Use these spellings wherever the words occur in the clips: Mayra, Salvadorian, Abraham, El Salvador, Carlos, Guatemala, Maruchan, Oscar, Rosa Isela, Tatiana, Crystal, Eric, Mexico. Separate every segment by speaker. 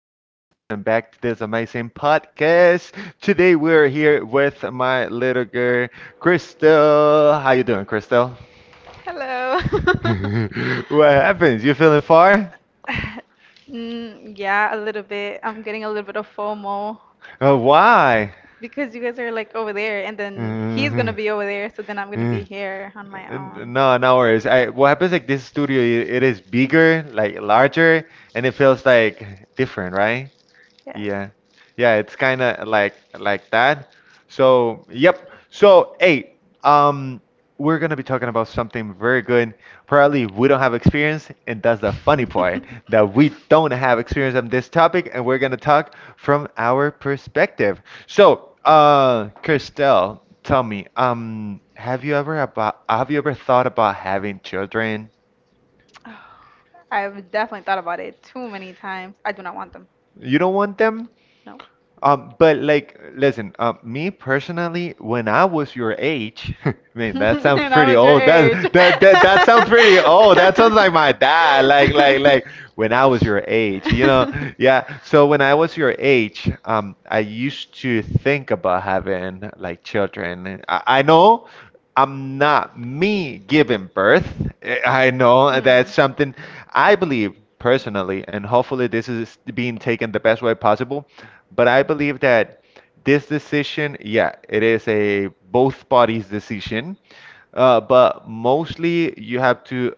Speaker 1: people. Welcome back to this amazing podcast. Today we're here with my little girl, Crystal. How you doing, Crystal?
Speaker 2: Hello.
Speaker 1: What happens? You feeling far?
Speaker 2: Mm, yeah, a little bit. I'm getting a little bit of FOMO
Speaker 1: Why?
Speaker 2: because you guys are like over there, and then he's gonna
Speaker 1: Uh,
Speaker 2: be over there, so then I'm gonna
Speaker 1: uh,
Speaker 2: be here on my own.
Speaker 1: no, no worries. What happens like this studio, it is bigger, like larger, and it feels like different, right?
Speaker 2: Yes.
Speaker 1: Yeah. Yeah, it's kind of like that. So, yep. So, hey, um we're going to be talking about something very good. Probably we don't have experience, and that's the funny part, that we don't have experience on this topic, and we're going to talk from our perspective. So, Christelle, tell me, have you ever thought about having children?
Speaker 2: Oh, I've definitely thought about it too many times. I do not want them.
Speaker 1: You don't want them?
Speaker 2: No.
Speaker 1: But like, listen, me personally, when I was your age, I mean, that sounds
Speaker 2: And I
Speaker 1: pretty
Speaker 2: was your
Speaker 1: old.
Speaker 2: age.
Speaker 1: That that that that sounds pretty old. That sounds like my dad. Like when I was your age, you know? Yeah. So when I was your age, I used to think about having like children. I know. I'm not me giving birth. I know that's something I believe personally, and hopefully this is being taken the best way possible. But I believe that this decision, yeah, it is a both parties decision, but mostly you have to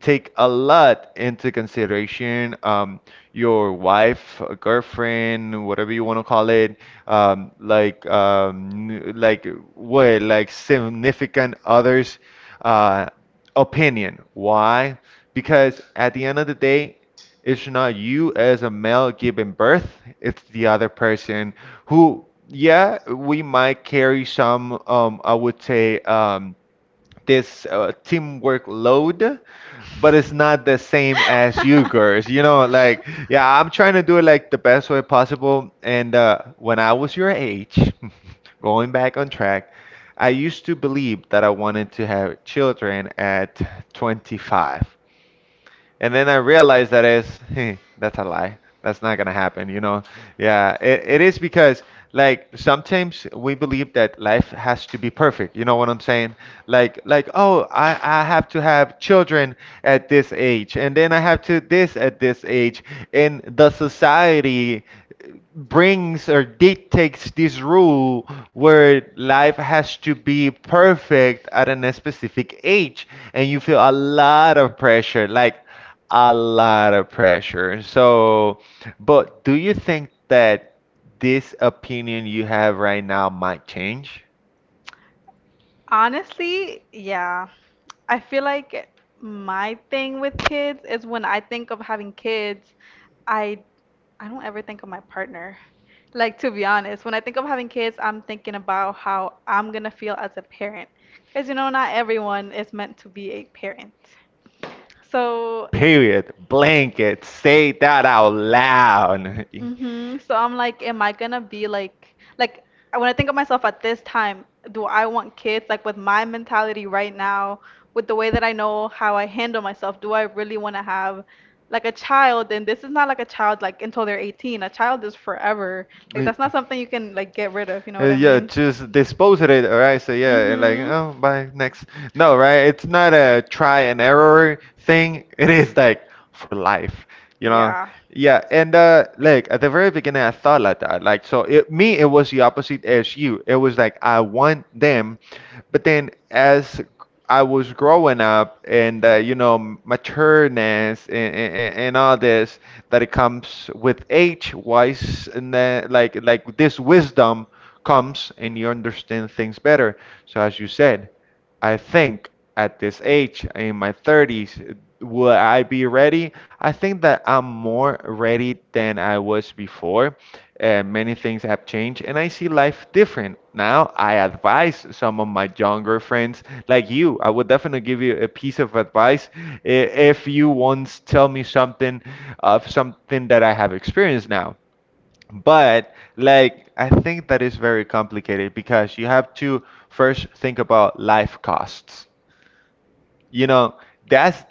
Speaker 1: take a lot into consideration, your wife, girlfriend, whatever you want to call it, um, like um, n- like like significant others' uh, opinion. Why? Because at the end of the day, it's not you as a male giving birth, it's the other person who, yeah, we might carry some, I would say, this teamwork load, but it's not the same as you girls. You know, like, yeah, I'm trying to do it like the best way possible. And when I was your age, going back on track, I used to believe that I wanted to have children at 25. And then I realized that, is hey, that's a lie. That's not gonna happen, you know. Yeah, it is, because like sometimes we believe that life has to be perfect. You know what I'm saying? I have to have children at this age, and then I have to this at this age, and the society brings or dictates this rule where life has to be perfect at a specific age, and you feel a lot of pressure, like a lot of pressure. So, but do you think that this opinion you have right now might change?
Speaker 2: Honestly, yeah. I feel like my thing with kids is when I think of having kids, I I don't ever think of my partner. Like to be honest, when I think of having kids, I'm thinking about how I'm gonna feel as a parent. Because you know, not everyone is meant to be a parent. So.
Speaker 1: Period. Blanket. Say that out loud.
Speaker 2: Mhm. So I'm like, am I gonna be like, when I think of myself at this time, do I want kids? Like with my mentality right now, with the way that I know how I handle myself, do I really want to have like a child? And this is not like a child like until they're 18. A child is forever. Like
Speaker 1: Y-
Speaker 2: that's not something you can like get rid of. You know
Speaker 1: Rid
Speaker 2: what
Speaker 1: of. Uh,
Speaker 2: I
Speaker 1: yeah,
Speaker 2: mean?
Speaker 1: just dispose of it, alright? So yeah, and like,
Speaker 2: Mhm.
Speaker 1: oh, bye, next. No, right? It's not a try and error thing. It is like for life, you know?
Speaker 2: Yeah.
Speaker 1: Yeah, and like at the very beginning, I thought like that. Like, so it, me, it was the opposite as you. It was like I want them, but then as I was growing up and, you know, matureness, and all this that it comes with age wise and then like this wisdom comes and you understand things better. So, as you said. I think at this age, in my 30s, will I be ready? I think that I'm more ready than I was before. Many things have changed, and I see life different. Now, I advise some of my younger friends, like you. I would definitely give you a piece of advice if you once tell me something of something that I have experienced now. But like, I think that is very complicated, because you have to first think about life costs. You know, that's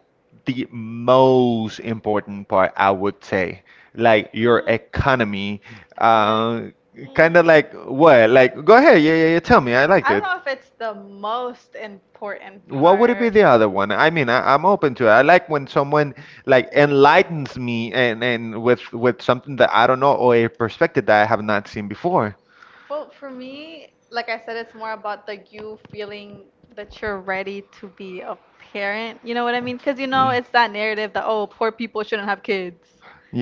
Speaker 1: the most important part, I would say. Like your economy,
Speaker 2: Mm, I feel like.
Speaker 1: uh, kind of. Like what?
Speaker 2: Mm,
Speaker 1: Like, go ahead, yeah, yeah, yeah, tell me, I liked
Speaker 2: I don't
Speaker 1: it.
Speaker 2: know if it's the most important
Speaker 1: What would it be
Speaker 2: part.
Speaker 1: the other one? I mean, I'm open to it. I like when someone like enlightens me, and with something that I don't know, or a perspective that I have not seen before.
Speaker 2: Well, for me, like I said, it's more about like you feeling that you're ready to be a parent. You know what I mean? Because you know
Speaker 1: Yeah.
Speaker 2: it's that narrative that oh, poor people shouldn't have kids.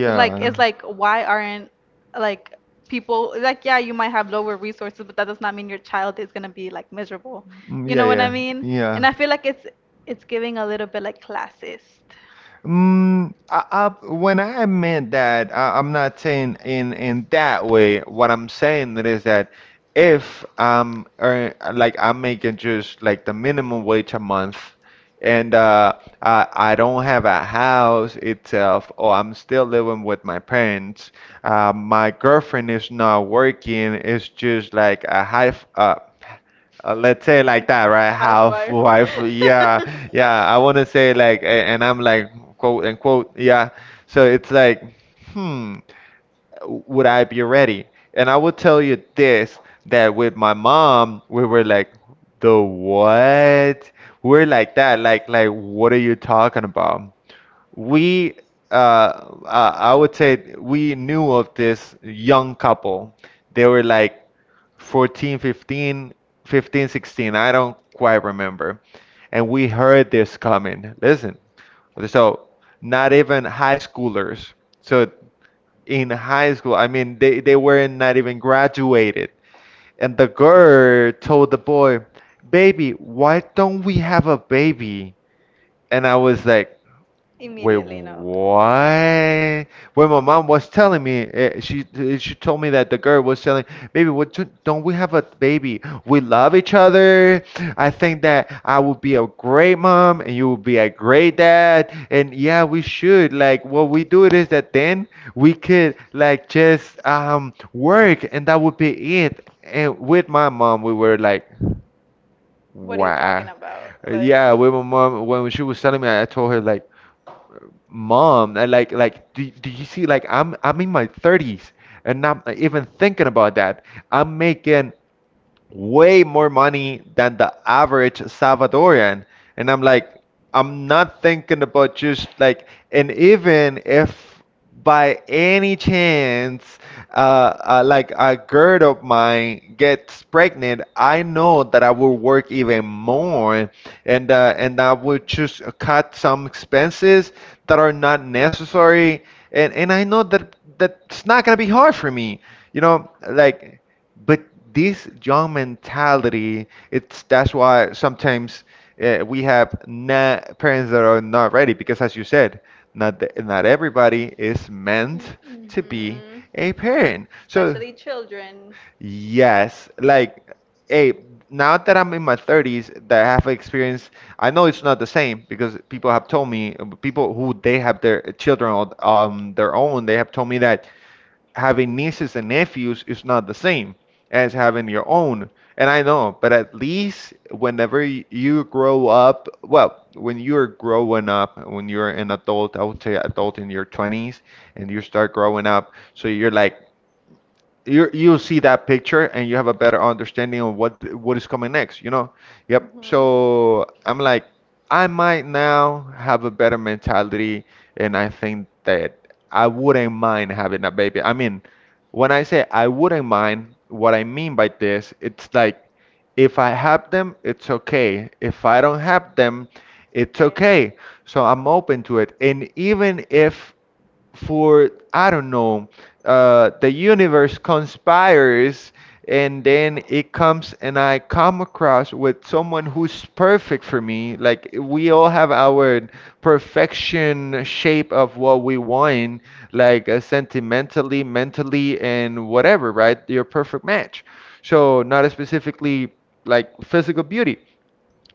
Speaker 2: It's like why aren't like people like yeah, you might have lower resources, but that does not mean your child is gonna be like miserable.
Speaker 1: Mm,
Speaker 2: You
Speaker 1: yeah,
Speaker 2: know what I
Speaker 1: yeah,
Speaker 2: mean? And.
Speaker 1: yeah.
Speaker 2: Yeah. I feel like it's giving a little bit like classist.
Speaker 1: When I meant that, I'm not saying in that way. What I'm saying is that if I'm earn, like I'm making just like the minimum wage a month, and I don't have a house itself, or I'm still living with my parents. My girlfriend is not working. It's just like a half, let's say like that, right? Half
Speaker 2: Housewife.
Speaker 1: wife, yeah, yeah. I want to say like, and I'm like, quote unquote, yeah. So it's like, hmm would I be ready? And I will tell you this, that with my mom, we were like, the what? We're like that, like what are you talking about? We uh I would say we knew of this young couple. They were like 14, 15, 15, 16. I don't quite remember. And we heard this coming. Listen, so not even high schoolers. So in high school. I mean, they weren't not even graduated. And the girl told the boy, "Baby, why don't we have a baby?" And I was like, "Wait,
Speaker 2: Immediately, no.
Speaker 1: what?" When my mom was telling me, she told me that the girl was telling, "Baby, don't we have a baby? We love each other. I think that I would be a great mom, and you would be a great dad. And yeah, we should. Like, what we do it is that then we could like just work, and that would be it." And with my mom, we were like,
Speaker 2: What are you talking
Speaker 1: wow.
Speaker 2: about?
Speaker 1: Uh,
Speaker 2: Like.
Speaker 1: Yeah, with my mom, when she was telling me, I told her like, "Mom, I like do you see like I'm in my 30s and not even thinking about that, I'm making way more money than the average Salvadorian." And I'm like, I'm not thinking about, just like, and even if by any chance, like a girl of mine gets pregnant, I know that I will work even more, and and I will just cut some expenses that are not necessary, and I know that that's not gonna be hard for me, you know, like, but this young mentality, it's that's why sometimes, we have not, parents that are not ready, because as you said, not not everybody is meant to be
Speaker 2: Mhm.
Speaker 1: a parent. So,
Speaker 2: Especially children.
Speaker 1: yes, like, hey, now that I'm in my 30s, that I have experience, I know it's not the same, because people have told me, people who, they have their children on their own, they have told me that having nieces and nephews is not the same as having your own. And I know, but at least whenever you grow up, well, when you're growing up, when you're an adult, I would say adult in your 20s, and you start growing up, so you're like, you see that picture, and you have a better understanding of what is coming next, you know. Yep.
Speaker 2: Mhm.
Speaker 1: So I'm like, I might now have a better mentality, and I think that I wouldn't mind having a baby. I mean, when I say I wouldn't mind, what I mean by this, it's like, if I have them, it's okay, if I don't have them,
Speaker 2: It's
Speaker 1: it's okay.
Speaker 2: okay.
Speaker 1: So I'm open to it. And even if, for I don't know, the universe conspires, and then it comes and I come across with someone who's perfect for me. Like, we all have our perfection shape of what we want, like, sentimentally, mentally, and whatever, right? Your perfect match. So not specifically like physical beauty.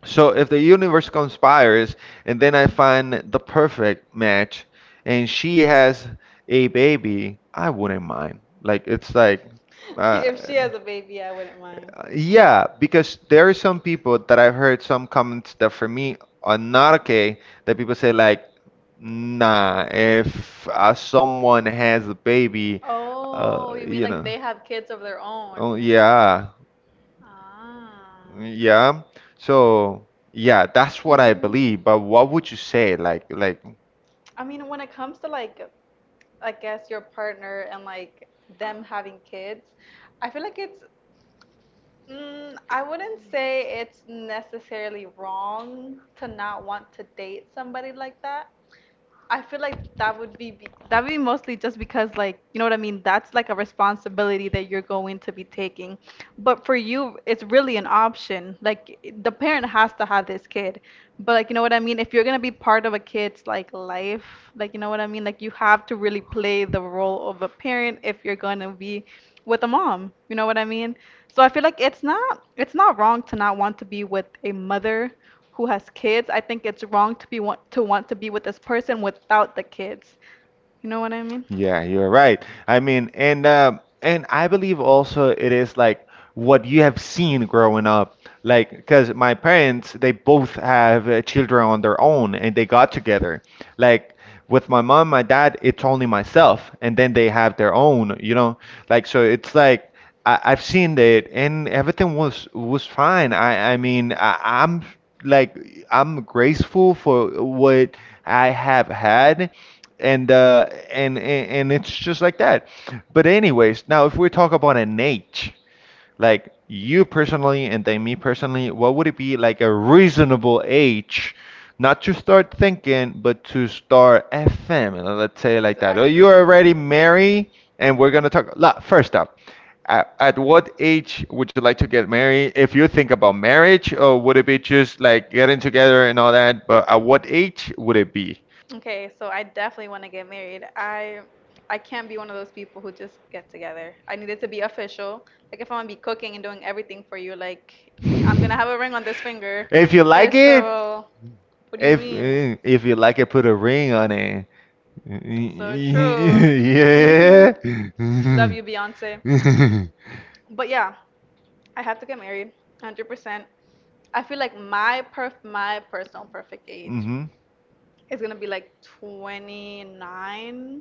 Speaker 1: So if the universe conspires and then I find the perfect match, and she has a baby, I wouldn't mind. Like, it's like, uh,
Speaker 2: If she has a baby, I wouldn't mind.
Speaker 1: yeah, because there are some people that I've heard some comments that, for me, are not okay, that people say like, nah, if someone has a baby,
Speaker 2: Oh, you mean
Speaker 1: you
Speaker 2: like
Speaker 1: know.
Speaker 2: they have kids of their own?
Speaker 1: Oh yeah.
Speaker 2: Ah.
Speaker 1: Yeah. So, yeah, that's what I believe. But
Speaker 2: Mhm.
Speaker 1: what would you say?
Speaker 2: I mean, when it comes to like I guess your partner and like them having kids, I feel like it's I wouldn't say it's necessarily wrong to not want to date somebody like that. I feel like that would be, that would be mostly just because like you know what I mean, that's like a responsibility that you're going to be taking, but for you it's really an option. Like the parent has to have this kid, but like you know what I mean, if you're going to be part of a kid's like life, like you know what I mean, like you have to really play the role of a parent if you're going to be with a mom, you know what I mean. So I feel like it's not wrong to not want to be with a mother who has kids. I think it's wrong to be want to be with this person without the kids. You know what I mean?
Speaker 1: Yeah, you're right. I mean, and and I believe also it is like what you have seen growing up. Like, because my parents, they both have children on their own, and they got together. Like with my mom, my dad, it's only myself, and then they have their own. You know, like, so it's like. I've seen that, and everything was fine. I mean, I'm like, I'm grateful for what I have had, and it's just like that. But anyways, now if we talk about an age. Like you personally and then me personally, what would it be like a reasonable age not to start thinking, but to start a family? Let's say it like
Speaker 2: So
Speaker 1: that. Or you're already married, and we're gonna talk. First up, at what age would you like to get married? If you think about marriage, or would it be just like getting together and all that? But at what age would it be?
Speaker 2: okay, so I definitely want to get married. I can't be one of those people who just get together. I need it to be official. Like if I'm gonna be cooking and doing everything for you, like I'm gonna have a ring on this finger.
Speaker 1: If you like
Speaker 2: First of
Speaker 1: it,
Speaker 2: all, what do you
Speaker 1: If
Speaker 2: mean?
Speaker 1: if you like it, put a ring on it.
Speaker 2: So
Speaker 1: Yeah.
Speaker 2: true. Mhm. Love you, Beyonce. But yeah, I have to get married, 100%. I feel like my perf my personal perfect age
Speaker 1: Mhm.
Speaker 2: is gonna be like 29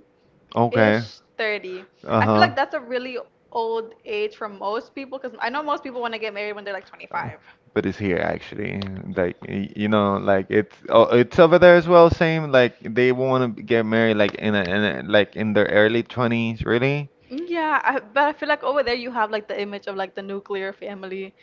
Speaker 1: Okay.
Speaker 2: ish, 30. I
Speaker 1: Uh-huh.
Speaker 2: feel
Speaker 1: Uh,
Speaker 2: like that's a really old age for most people because I know most people want to get married when they're like 25.
Speaker 1: But it's here actually. Like you know, like it's oh, it's over there as well. Same like they want to get married like in a, like in their early 20s, really.
Speaker 2: Yeah, but I feel like over there you have like the image of like the nuclear family.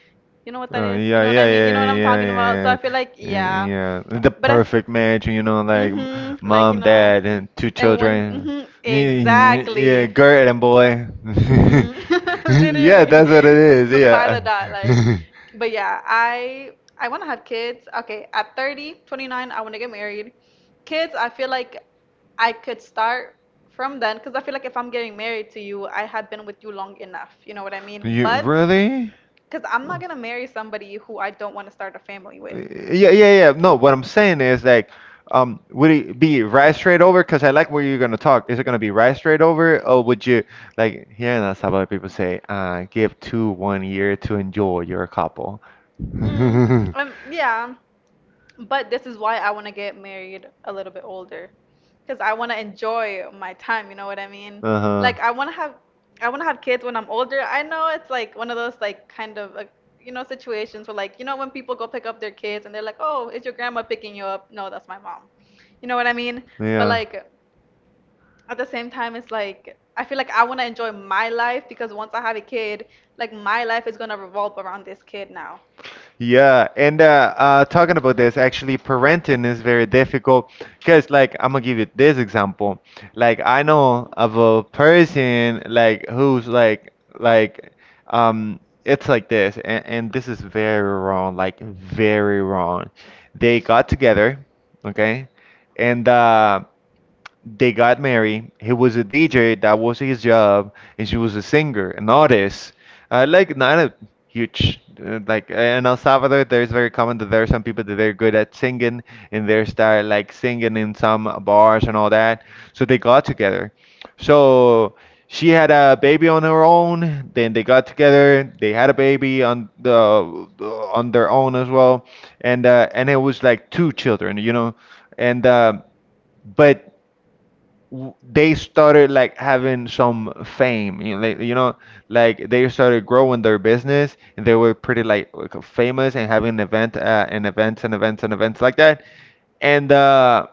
Speaker 2: You know what that is? You
Speaker 1: Yeah,
Speaker 2: know what
Speaker 1: yeah,
Speaker 2: I mean? You know
Speaker 1: yeah,
Speaker 2: what I'm
Speaker 1: yeah,
Speaker 2: talking about? So I
Speaker 1: yeah,
Speaker 2: feel like
Speaker 1: yeah,
Speaker 2: yeah,
Speaker 1: yeah. The
Speaker 2: but
Speaker 1: perfect match, you know, like
Speaker 2: like you
Speaker 1: mom,
Speaker 2: know,
Speaker 1: dad, and two
Speaker 2: and one,
Speaker 1: children. Yeah, yeah,
Speaker 2: exactly.
Speaker 1: girl and boy.
Speaker 2: Mm-hmm.
Speaker 1: Yeah,
Speaker 2: Literally.
Speaker 1: that's what it is.
Speaker 2: By
Speaker 1: Yeah.
Speaker 2: the dot, like, but yeah, I want to have kids. Okay, at 30, 29, I want to get married. Kids, I feel like I could start from then because I feel like if I'm getting married to you, I have been with you long enough. You know what I mean?
Speaker 1: You
Speaker 2: But
Speaker 1: really?
Speaker 2: because I'm not gonna marry somebody who I don't want to start a family with.
Speaker 1: Yeah, yeah, yeah. No, what I'm saying is like, would it be right straight over? Because I like where you're gonna talk. Is it gonna be right straight over, or would you like here in El Salvador people say, give two, one year to enjoy your couple?
Speaker 2: Mm, yeah. But this is why I want to get married a little bit older, because I want to enjoy my time, you know what I mean?
Speaker 1: Uh-huh.
Speaker 2: Like I want to have kids when I'm older. I know it's like one of those like kind of like you know situations where like you know when people go pick up their kids and they're like, "Oh, is your grandma picking you up?" No, that's my mom. You know what I mean? But
Speaker 1: Yeah.
Speaker 2: like at the same time it's like I feel like I want to enjoy my life because once I have a kid, like my life is going to revolve around this kid now.
Speaker 1: Yeah, and talking about this, actually, parenting is very difficult because, like, I'm gonna give you this example. Like, I know of a person like who's like it's like this, and, this is very wrong, like very wrong. They got together, okay, and they got married. He was a DJ, that was his job, and she was a singer, an artist. Like not a huge in El Salvador, there's very common that there are some people that they're good at singing and they start like singing in some bars and all that. So they got together. So she had a baby on her own. Then they got together. They had a baby on their own as well, and it was like two children, you know. And. Uh, but w- they started like having some fame, you know, like, you know, like they started growing their business and they were pretty like famous and having events and events and events like that, and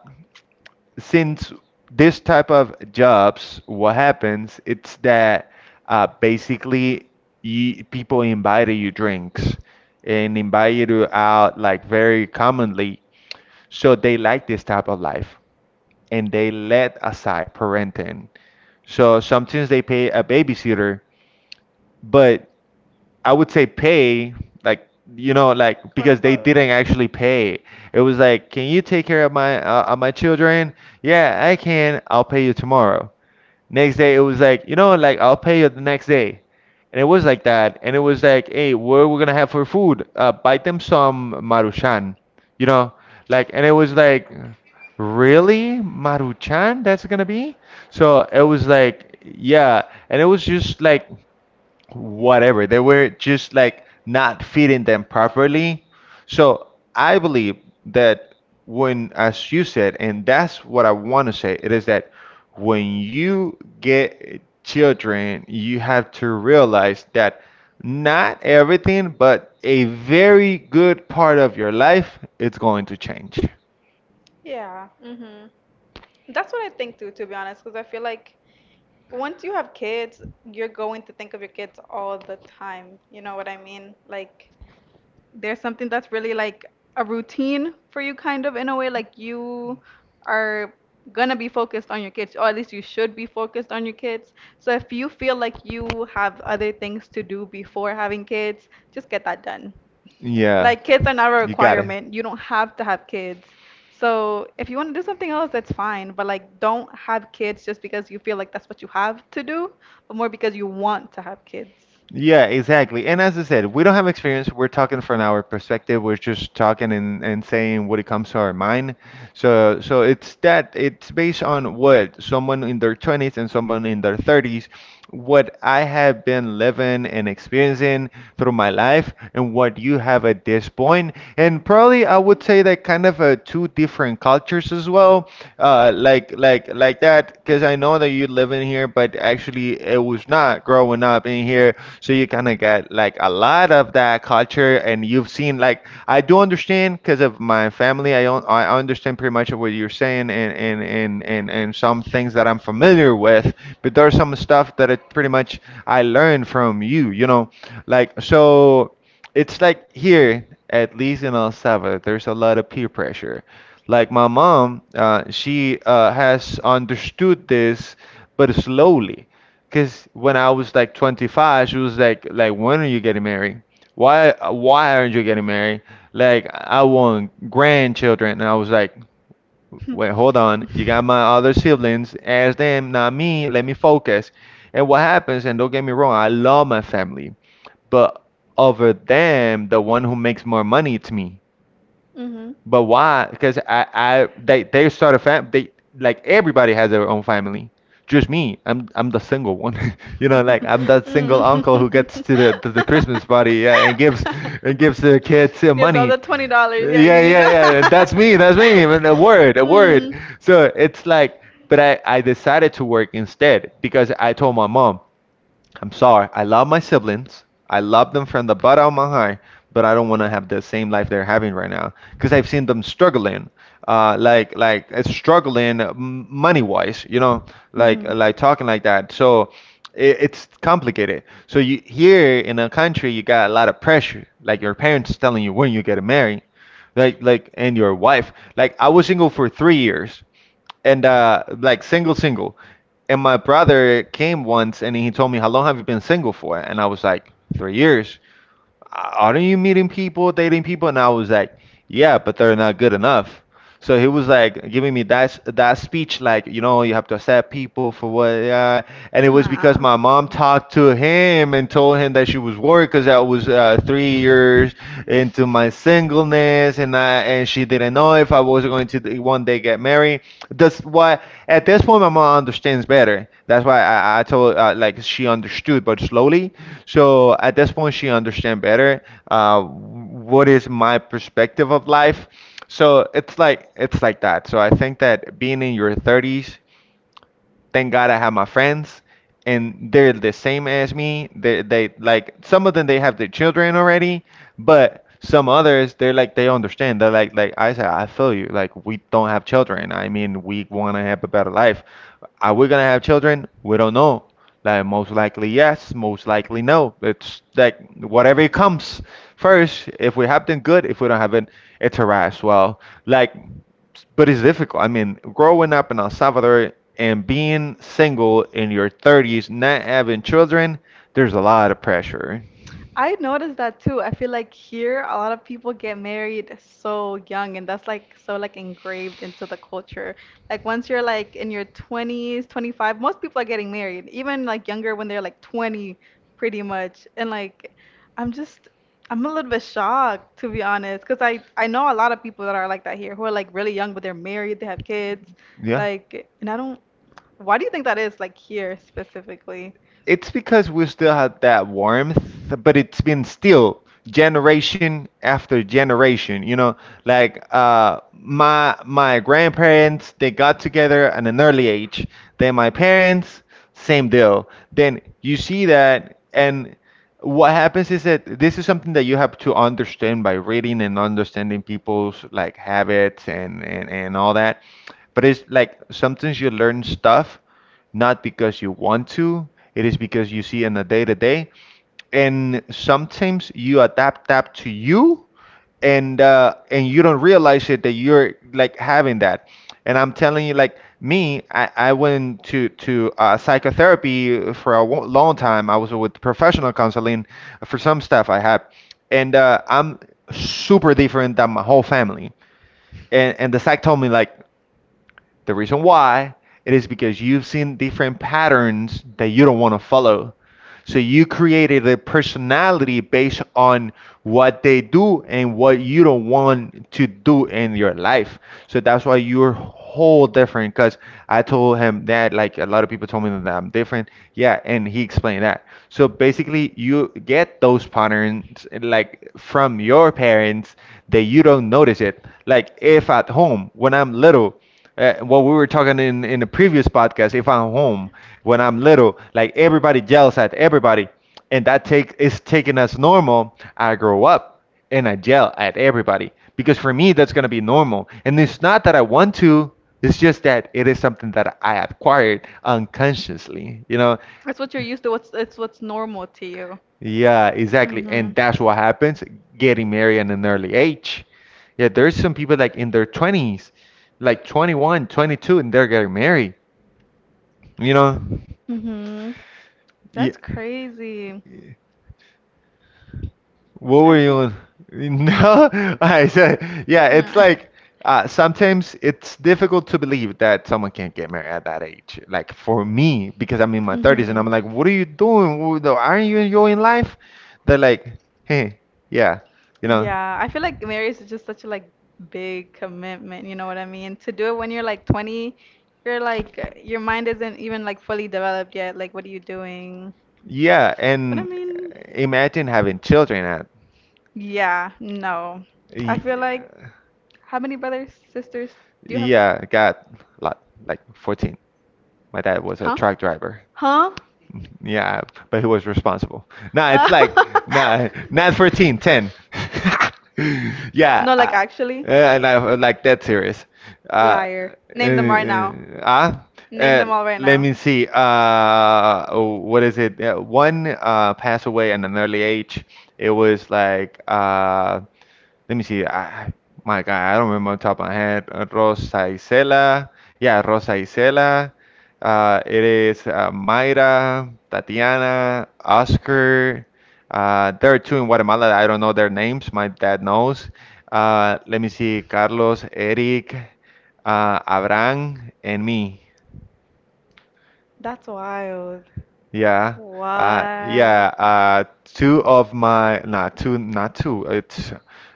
Speaker 1: since this type of jobs, what happens it's that basically people invite you drinks and invite you out like very commonly, so they like this type of life, and they let aside parenting. So sometimes they pay a babysitter, but I would say pay, like you know, like
Speaker 2: Quote
Speaker 1: because they
Speaker 2: unquote.
Speaker 1: didn't actually pay. It was like, can you take care of my children? Yeah, I can. I'll pay you tomorrow. Next day, it was like, you know, like I'll pay you the next day. And it was like that. And it was like, hey, what are we gonna have for food? Buy them some Maruchan, you know, like. And it was like, really, Maruchan? That's gonna be? So it was like, yeah. And it was just like whatever. They were just like not feeding them properly. So I believe that when, as you said, and that's what I want to say, it is that when you get children, you have to realize that not everything, but a very good part of your life, it's going to change.
Speaker 2: Yeah. Hmm. That's what I think too, to be honest, because I feel like once you have kids, you're going to think of your kids all the time. You know what I mean? Like, there's something that's really like a routine for you, kind of in a way, like you are gonna be focused on your kids, or at least you should be focused on your kids. So if you feel like you have other things to do before having kids, just get that done.
Speaker 1: Yeah,
Speaker 2: Like kids are not a
Speaker 1: you got it.
Speaker 2: requirement. You don't have to have kids. So if you want to do something else, that's fine. But like, don't have kids just because you feel like that's what you have to do, but more because you want to have kids.
Speaker 1: Yeah, exactly. And as I said, we don't have experience. We're talking from our perspective. We're just talking and, saying what it comes to our mind. So it's that it's based on what someone in their 20s and someone in their 30s, what I have been living and experiencing through my life and what you have at this point. And probably I would say that kind of two different cultures as well, like that. Because I know that you live in here, but actually it was not growing up in here, so you kind of get like a lot of that culture, and you've seen like I do understand because of my family. I don't, I understand pretty much of what you're saying, and some things that I'm familiar with, but there's some stuff that it pretty much I learned from you. You know, like so it's like here, at least in El Salvador, there's a lot of peer pressure. Like my mom, she has understood this, but slowly. Because when I was like 25, she was like, when are you getting married? Why aren't you getting married? Like, I want grandchildren. And I was like, wait, hold on. You got my other siblings. Ask them, not me. Let me focus. And what happens, and don't get me wrong, I love my family. But over them, the one who makes more money, it's me.
Speaker 2: Mm-hmm.
Speaker 1: But why? Because they start a fam. They like everybody has their own family. Just me. I'm the single one. You know, like I'm the single uncle who gets
Speaker 2: Mm.
Speaker 1: to to the Christmas party, yeah, and gives the kids
Speaker 2: Gives all
Speaker 1: money.
Speaker 2: the $20. Yeah, yeah,
Speaker 1: Yeah,
Speaker 2: you yeah,
Speaker 1: yeah, yeah. That's
Speaker 2: just.
Speaker 1: me.
Speaker 2: Yeah.
Speaker 1: That's me. And a word, a word. So it's like, but I decided to work instead because I told my mom, I'm sorry. I love my siblings. I love them from the bottom of my heart, but I don't want to have the same life they're having right now because I've seen them struggling, like struggling money wise, you know,
Speaker 2: Mm.
Speaker 1: like talking like that. So it's complicated. So you here in a country, you got a lot of pressure, like your parents telling you when you get married, like and your wife. Like I was single for 3 years and like single, single. And my brother came once and he told me, how long have you been single for? And I was like, 3 years. Aren't you meeting people, dating people? And I was like, yeah, but they're not good enough. So he was like giving me that speech, like you know, you have to accept people for what they are, and it
Speaker 2: Mhm.
Speaker 1: was because
Speaker 2: Nah.
Speaker 1: my mom talked to him and told him that she was worried because I was 3 years into my singleness, and I and she didn't know if I was going to one day get married. That's why at this point my mom understands better. That's why I told like she understood, but slowly. So at this point she understand better what is my perspective of life. So it's like that. So I think that being in your 30s, thank God I have my friends, and they're the same as me. They like some of them, they have their children already, but some others they're like, they understand. They're like I said, I feel you. Like we don't have children. I mean, we want to have a better life. Are we gonna have children? We don't know. Like most likely yes, most likely no. It's like whatever comes first. If we have them, good. If we don't have it, it's a wrap as well. Like but it's difficult. I mean, growing up in El Salvador and being single in your 30s, not having children, there's a lot of pressure.
Speaker 2: I noticed that too. I feel like here a lot of people get married so young, and that's like so like engraved into the culture. Like once you're like in your 20s, 25, most people are getting married, even like younger when they're like 20, pretty much. And like I'm just I'm a little bit shocked to be honest, 'cause I know a lot of people that are like that here who are like really young but they're married, they have kids, like. And I don't, why do you think that is like here specifically?
Speaker 1: It's because we still have that warmth, but it's been still generation after generation. You know, like my my grandparents, they got together at an early age. Then my parents, same deal. Then you see that, and what happens is that this is something that you have to understand by reading and understanding people's like habits and and all that. But it's like sometimes you learn stuff not because you want to, it is because you see in the day to day. And sometimes you adapt that to you, and you don't realize it that you're like having that. And I'm telling you, like me, I went to psychotherapy for a long time. I was with professional counseling for some stuff I had, and I'm super different than my whole family. And the psych told me like the reason why it is because you've seen different patterns that you don't want to follow. So you created a personality based on what they do and what you don't want to do in your life. So that's why you're whole different. Because I told him that, like a lot of people told me that I'm different. Yeah, and he explained that. So basically, you get those patterns like from your parents that you don't notice it. Like if at home when I'm little, what we were talking in the previous podcast, if I'm home when I'm little, like everybody yells at everybody and that take is taken as normal. I grow up and I yell at everybody because for me that's going to be normal, and it's not that I want to, it's just that it is something that I acquired unconsciously, you know?
Speaker 2: It's what you're used to. What's It's what's normal to you.
Speaker 1: Yeah, exactly. And
Speaker 2: Mhm.
Speaker 1: that's what happens getting married at an early age. Yeah, there's some people like in their 20s, like 21, 22, and they're getting married. You know?
Speaker 2: Mhm.
Speaker 1: Yeah.
Speaker 2: That's crazy.
Speaker 1: What were you
Speaker 2: Actually, no.
Speaker 1: on? No, I said, yeah, it's like, sometimes it's difficult to believe that someone can't get married at that age. Like for me, because I'm in my 30s and I'm
Speaker 2: Mhm.
Speaker 1: like, what are you doing? Aren't you enjoying life? They're like, hey, yeah, you know.
Speaker 2: Yeah, I feel like marriage is just such a like big commitment, you know what I mean? To do it when you're like 20, you're like your mind isn't even like fully developed yet. Like what are you doing?
Speaker 1: Yeah,
Speaker 2: But I
Speaker 1: and
Speaker 2: mean,
Speaker 1: imagine having children at
Speaker 2: yeah, no. I
Speaker 1: y-
Speaker 2: feel like how many brothers, sisters do you have?
Speaker 1: yeah, got like like 14. My dad was a
Speaker 2: Huh?
Speaker 1: truck driver.
Speaker 2: Huh?
Speaker 1: Yeah, but he was responsible. Nah, it's like nah, not 14, 10. Yeah,
Speaker 2: No,
Speaker 1: I,
Speaker 2: like actually.
Speaker 1: uh, and I like that serious. Uh,
Speaker 2: Liar.
Speaker 1: uh,
Speaker 2: Name them right now.
Speaker 1: uh,
Speaker 2: Name
Speaker 1: uh,
Speaker 2: them all right
Speaker 1: Let
Speaker 2: now.
Speaker 1: me see. Oh, what is it? One passed away at an early age. It was like, let me see. My God, I don't remember on top of my head. Rosa Isela. Yeah, Rosa Isela. It is, Mayra, Tatiana, Oscar. There are two in Guatemala. I don't know their names. My dad knows. Let me see, Carlos, Eric, Abraham, and me.
Speaker 2: That's wild.
Speaker 1: Yeah.
Speaker 2: What? Yeah.
Speaker 1: Yeah. Two of my, not two, not two. It's,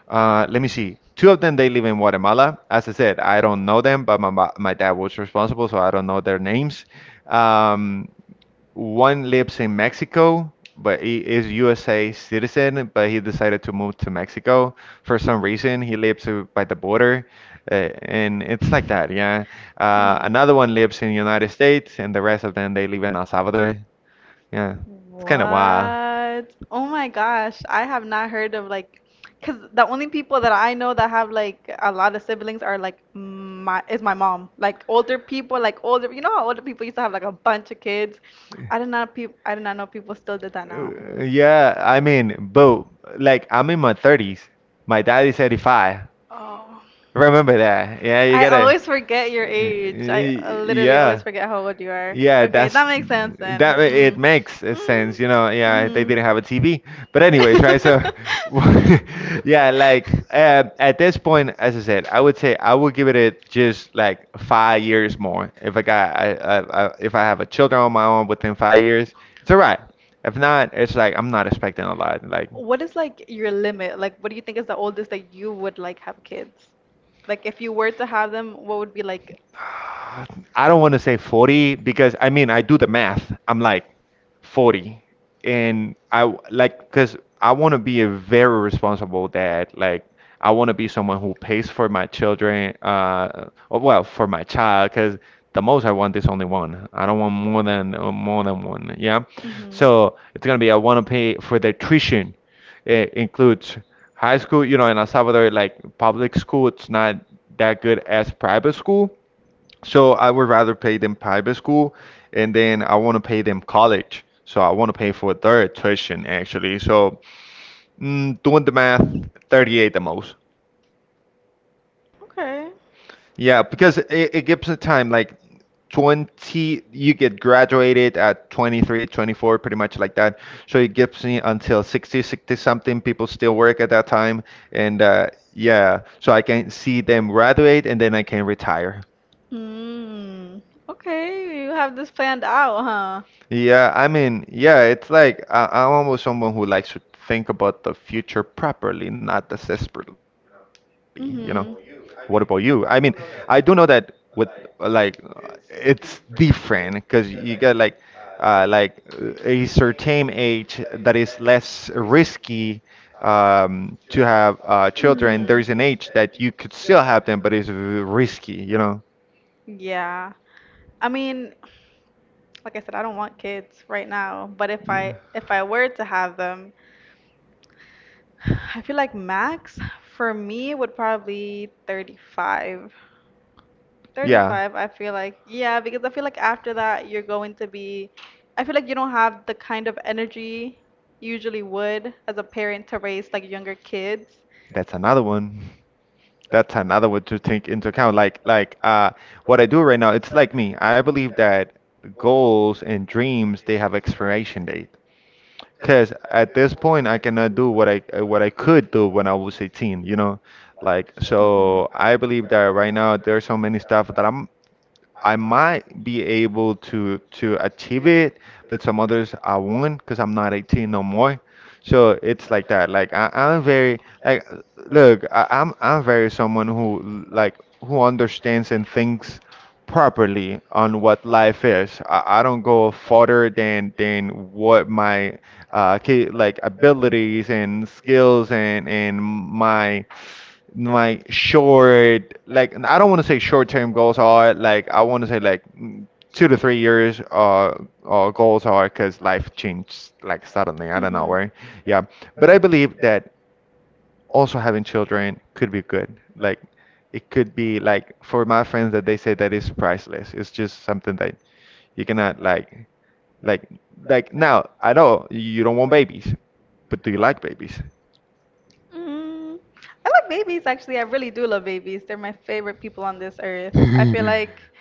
Speaker 1: let me see. Two of them, they live in Guatemala. As I said, I don't know them, but my dad was responsible, so I don't know their names. Um, One lives in Mexico, but he is USA citizen, but he decided to move to Mexico for some reason. He lives, by the border, uh, and it's like that, yeah.
Speaker 2: Hmm.
Speaker 1: Another one lives in United States, and the rest of them they live in El Salvador. Yeah, it's kind of wild.
Speaker 2: What? Oh my gosh, I have not heard of like, cause the only people that I know that have like a lot of siblings are like my mom. Like older people, like older, you know how older people used to have like a bunch of kids. I did not know people still did that now.
Speaker 1: Yeah, I mean, but like I'm in my 30s. My dad is 35.
Speaker 2: Oh,
Speaker 1: Remember that. Yeah, you
Speaker 2: I
Speaker 1: gotta.
Speaker 2: always forget your age. I literally
Speaker 1: Yeah.
Speaker 2: always forget how old you are.
Speaker 1: Yeah,
Speaker 2: Okay,
Speaker 1: that's
Speaker 2: that makes sense then.
Speaker 1: that it
Speaker 2: Mm.
Speaker 1: makes a
Speaker 2: Mm.
Speaker 1: sense. Yeah, they
Speaker 2: Mm-hmm.
Speaker 1: didn't have a TV. But anyways, right? So yeah, like, at this point, as I said, I would say I would give it just like 5 years more. If I got I, if I have a children on my own within 5 years, it's all right. If not, it's like I'm not expecting a lot. Like,
Speaker 2: What is like your limit? Like, what do you think is the oldest that you would like have kids? Like, if you were to have them, what would be like?
Speaker 1: I don't want to say 40 because I mean, I do the math. I'm like 40. And like, because I want to be a very responsible dad. Like, I want to be someone who pays for my children, or, well, for my child, because the most I want is only one. I don't want more than one. Yeah.
Speaker 2: Mm-hmm.
Speaker 1: So it's gonna be I want to pay for their tuition. It includes high school, in El Salvador, like public school, it's not that good as private school. So I would rather pay them private school, and then I want to pay them college. So I want to pay for their tuition actually. So doing the math, 38 the most.
Speaker 2: Okay.
Speaker 1: Yeah, because it gives it time like 20, you get graduated at 23, 24, pretty much like that. So it gives me until 60, 60 something. People still work at that time, and yeah, so I can see them graduate and then I can retire.
Speaker 2: Hmm. Okay, you have this planned out, huh?
Speaker 1: Yeah, I mean, yeah, it's like I'm almost someone who likes to think about the future properly, not desperately, you know? What
Speaker 2: Mm-hmm.
Speaker 1: about you? I mean, I do know that with, like, it's different because you get a certain age that is less risky, to have, children.
Speaker 2: Mhm.
Speaker 1: There's an age that you could still have them, but it's risky, you know?
Speaker 2: Yeah. I mean, like I said, I don't want kids right now, but if I were to have them, I feel like max for me would probably 35.
Speaker 1: Yeah.
Speaker 2: 35, I feel like. Yeah, because I feel like after that, you're going to be. I feel like you don't have the kind of energy you usually would as a parent to raise like younger kids.
Speaker 1: That's another one. That's another one to take into account. Like what I do right now, it's like me. I believe that goals and dreams they have expiration date. Because at this point, I cannot do what I could do when I was 18, you know? Like,
Speaker 2: Hmm.
Speaker 1: so I believe that right now there's so many stuff that I might be able to achieve it, but some others I won't because I'm not 18 no more. So it's like that. Like I'm very like, look, I'm very someone who like who understands and thinks properly on what life is. I don't go further than what my like abilities and skills, and my short, like, and I don't want to say short term goals are, like. I want to say like, 2 to 3 years goals, are, because life changed, like, suddenly. I don't know
Speaker 2: Mm-hmm.
Speaker 1: where. Yeah, but I believe that also having children could be good. Like, it could be like for my friends that they say that is priceless. It's just something that you cannot like like like. Now, I know you don't want babies, but do you like babies?
Speaker 2: Mm, I like babies actually. I really do love babies. They're my favorite people on this earth. I feel like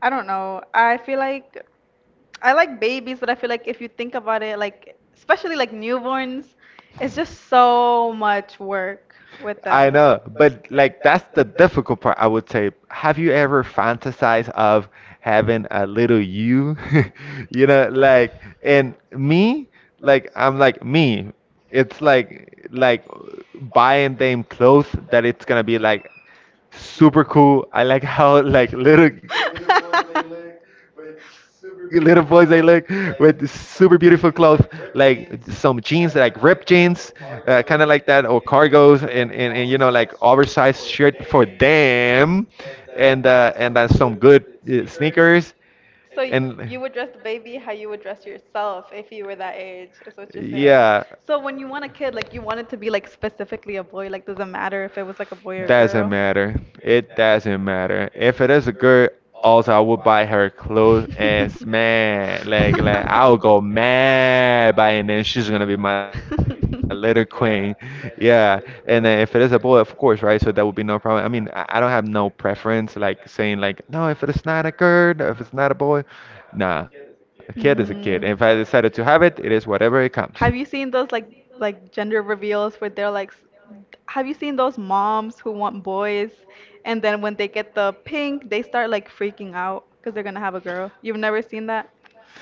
Speaker 2: I don't know. I feel like I like babies, but I feel like if you think about it, like especially like newborns, it's just so much work with
Speaker 1: I
Speaker 2: them.
Speaker 1: know, but like, that's the difficult part, I would say. Have you ever fantasized of having a little you? You know, like, and me, like, I'm like me. It's like buying them clothes that it's gonna be like super cool. I like how like little boys they look with this super beautiful clothes, like some jeans, like ripped jeans, kind of like that, or cargos, and like oversized shirt for them, and some good, sneakers,
Speaker 2: So
Speaker 1: and
Speaker 2: you would dress the baby how you would dress yourself if you were that age, is what you're saying.
Speaker 1: yeah.
Speaker 2: So when you want a kid, like you want it to be like specifically a boy, like doesn't matter if it was like a boy or
Speaker 1: Doesn't
Speaker 2: girl.
Speaker 1: matter. It doesn't matter. If it is a girl, also I would buy her clothes as man. Like I'll go mad buying and she's gonna be my litter queen.
Speaker 2: Like.
Speaker 1: Yeah. And then if it is a boy, of course, right? So that would be no problem. I mean, I don't have no preference, like saying like, no, if it is not a girl, no, if it's not a boy, nah, a kid is a kid. If I
Speaker 2: Mhm.
Speaker 1: decided to have
Speaker 2: Have
Speaker 1: it, it is whatever it comes.
Speaker 2: you seen those like gender reveals where they're like, have you seen those moms who want boys and then when they get the pink, they start like freaking out because they're gonna have a girl. You've never seen that?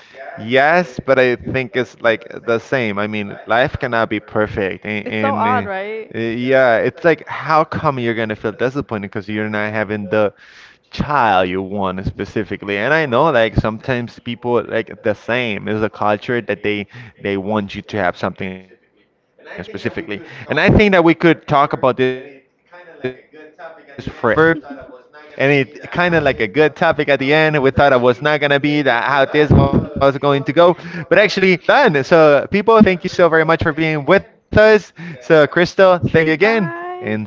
Speaker 1: Yes, but I think it's like the same. I mean, life cannot be perfect. And,
Speaker 2: It's so odd,
Speaker 1: and uh,
Speaker 2: right?
Speaker 1: uh, yeah, it's like, how come you're gonna feel disappointed because you're not having the child you want specifically? And I know like sometimes people like the same. It's a culture that they want you to need to have something specifically. And I think that we could talk about this forever. And it kind of like a good topic at the end. We thought it was not going to be that how this was going to go. But actually, it's been done. So, people, thank you so very much for being with us. So, Crystal, thank you again. And see you guys around.
Speaker 2: Bye.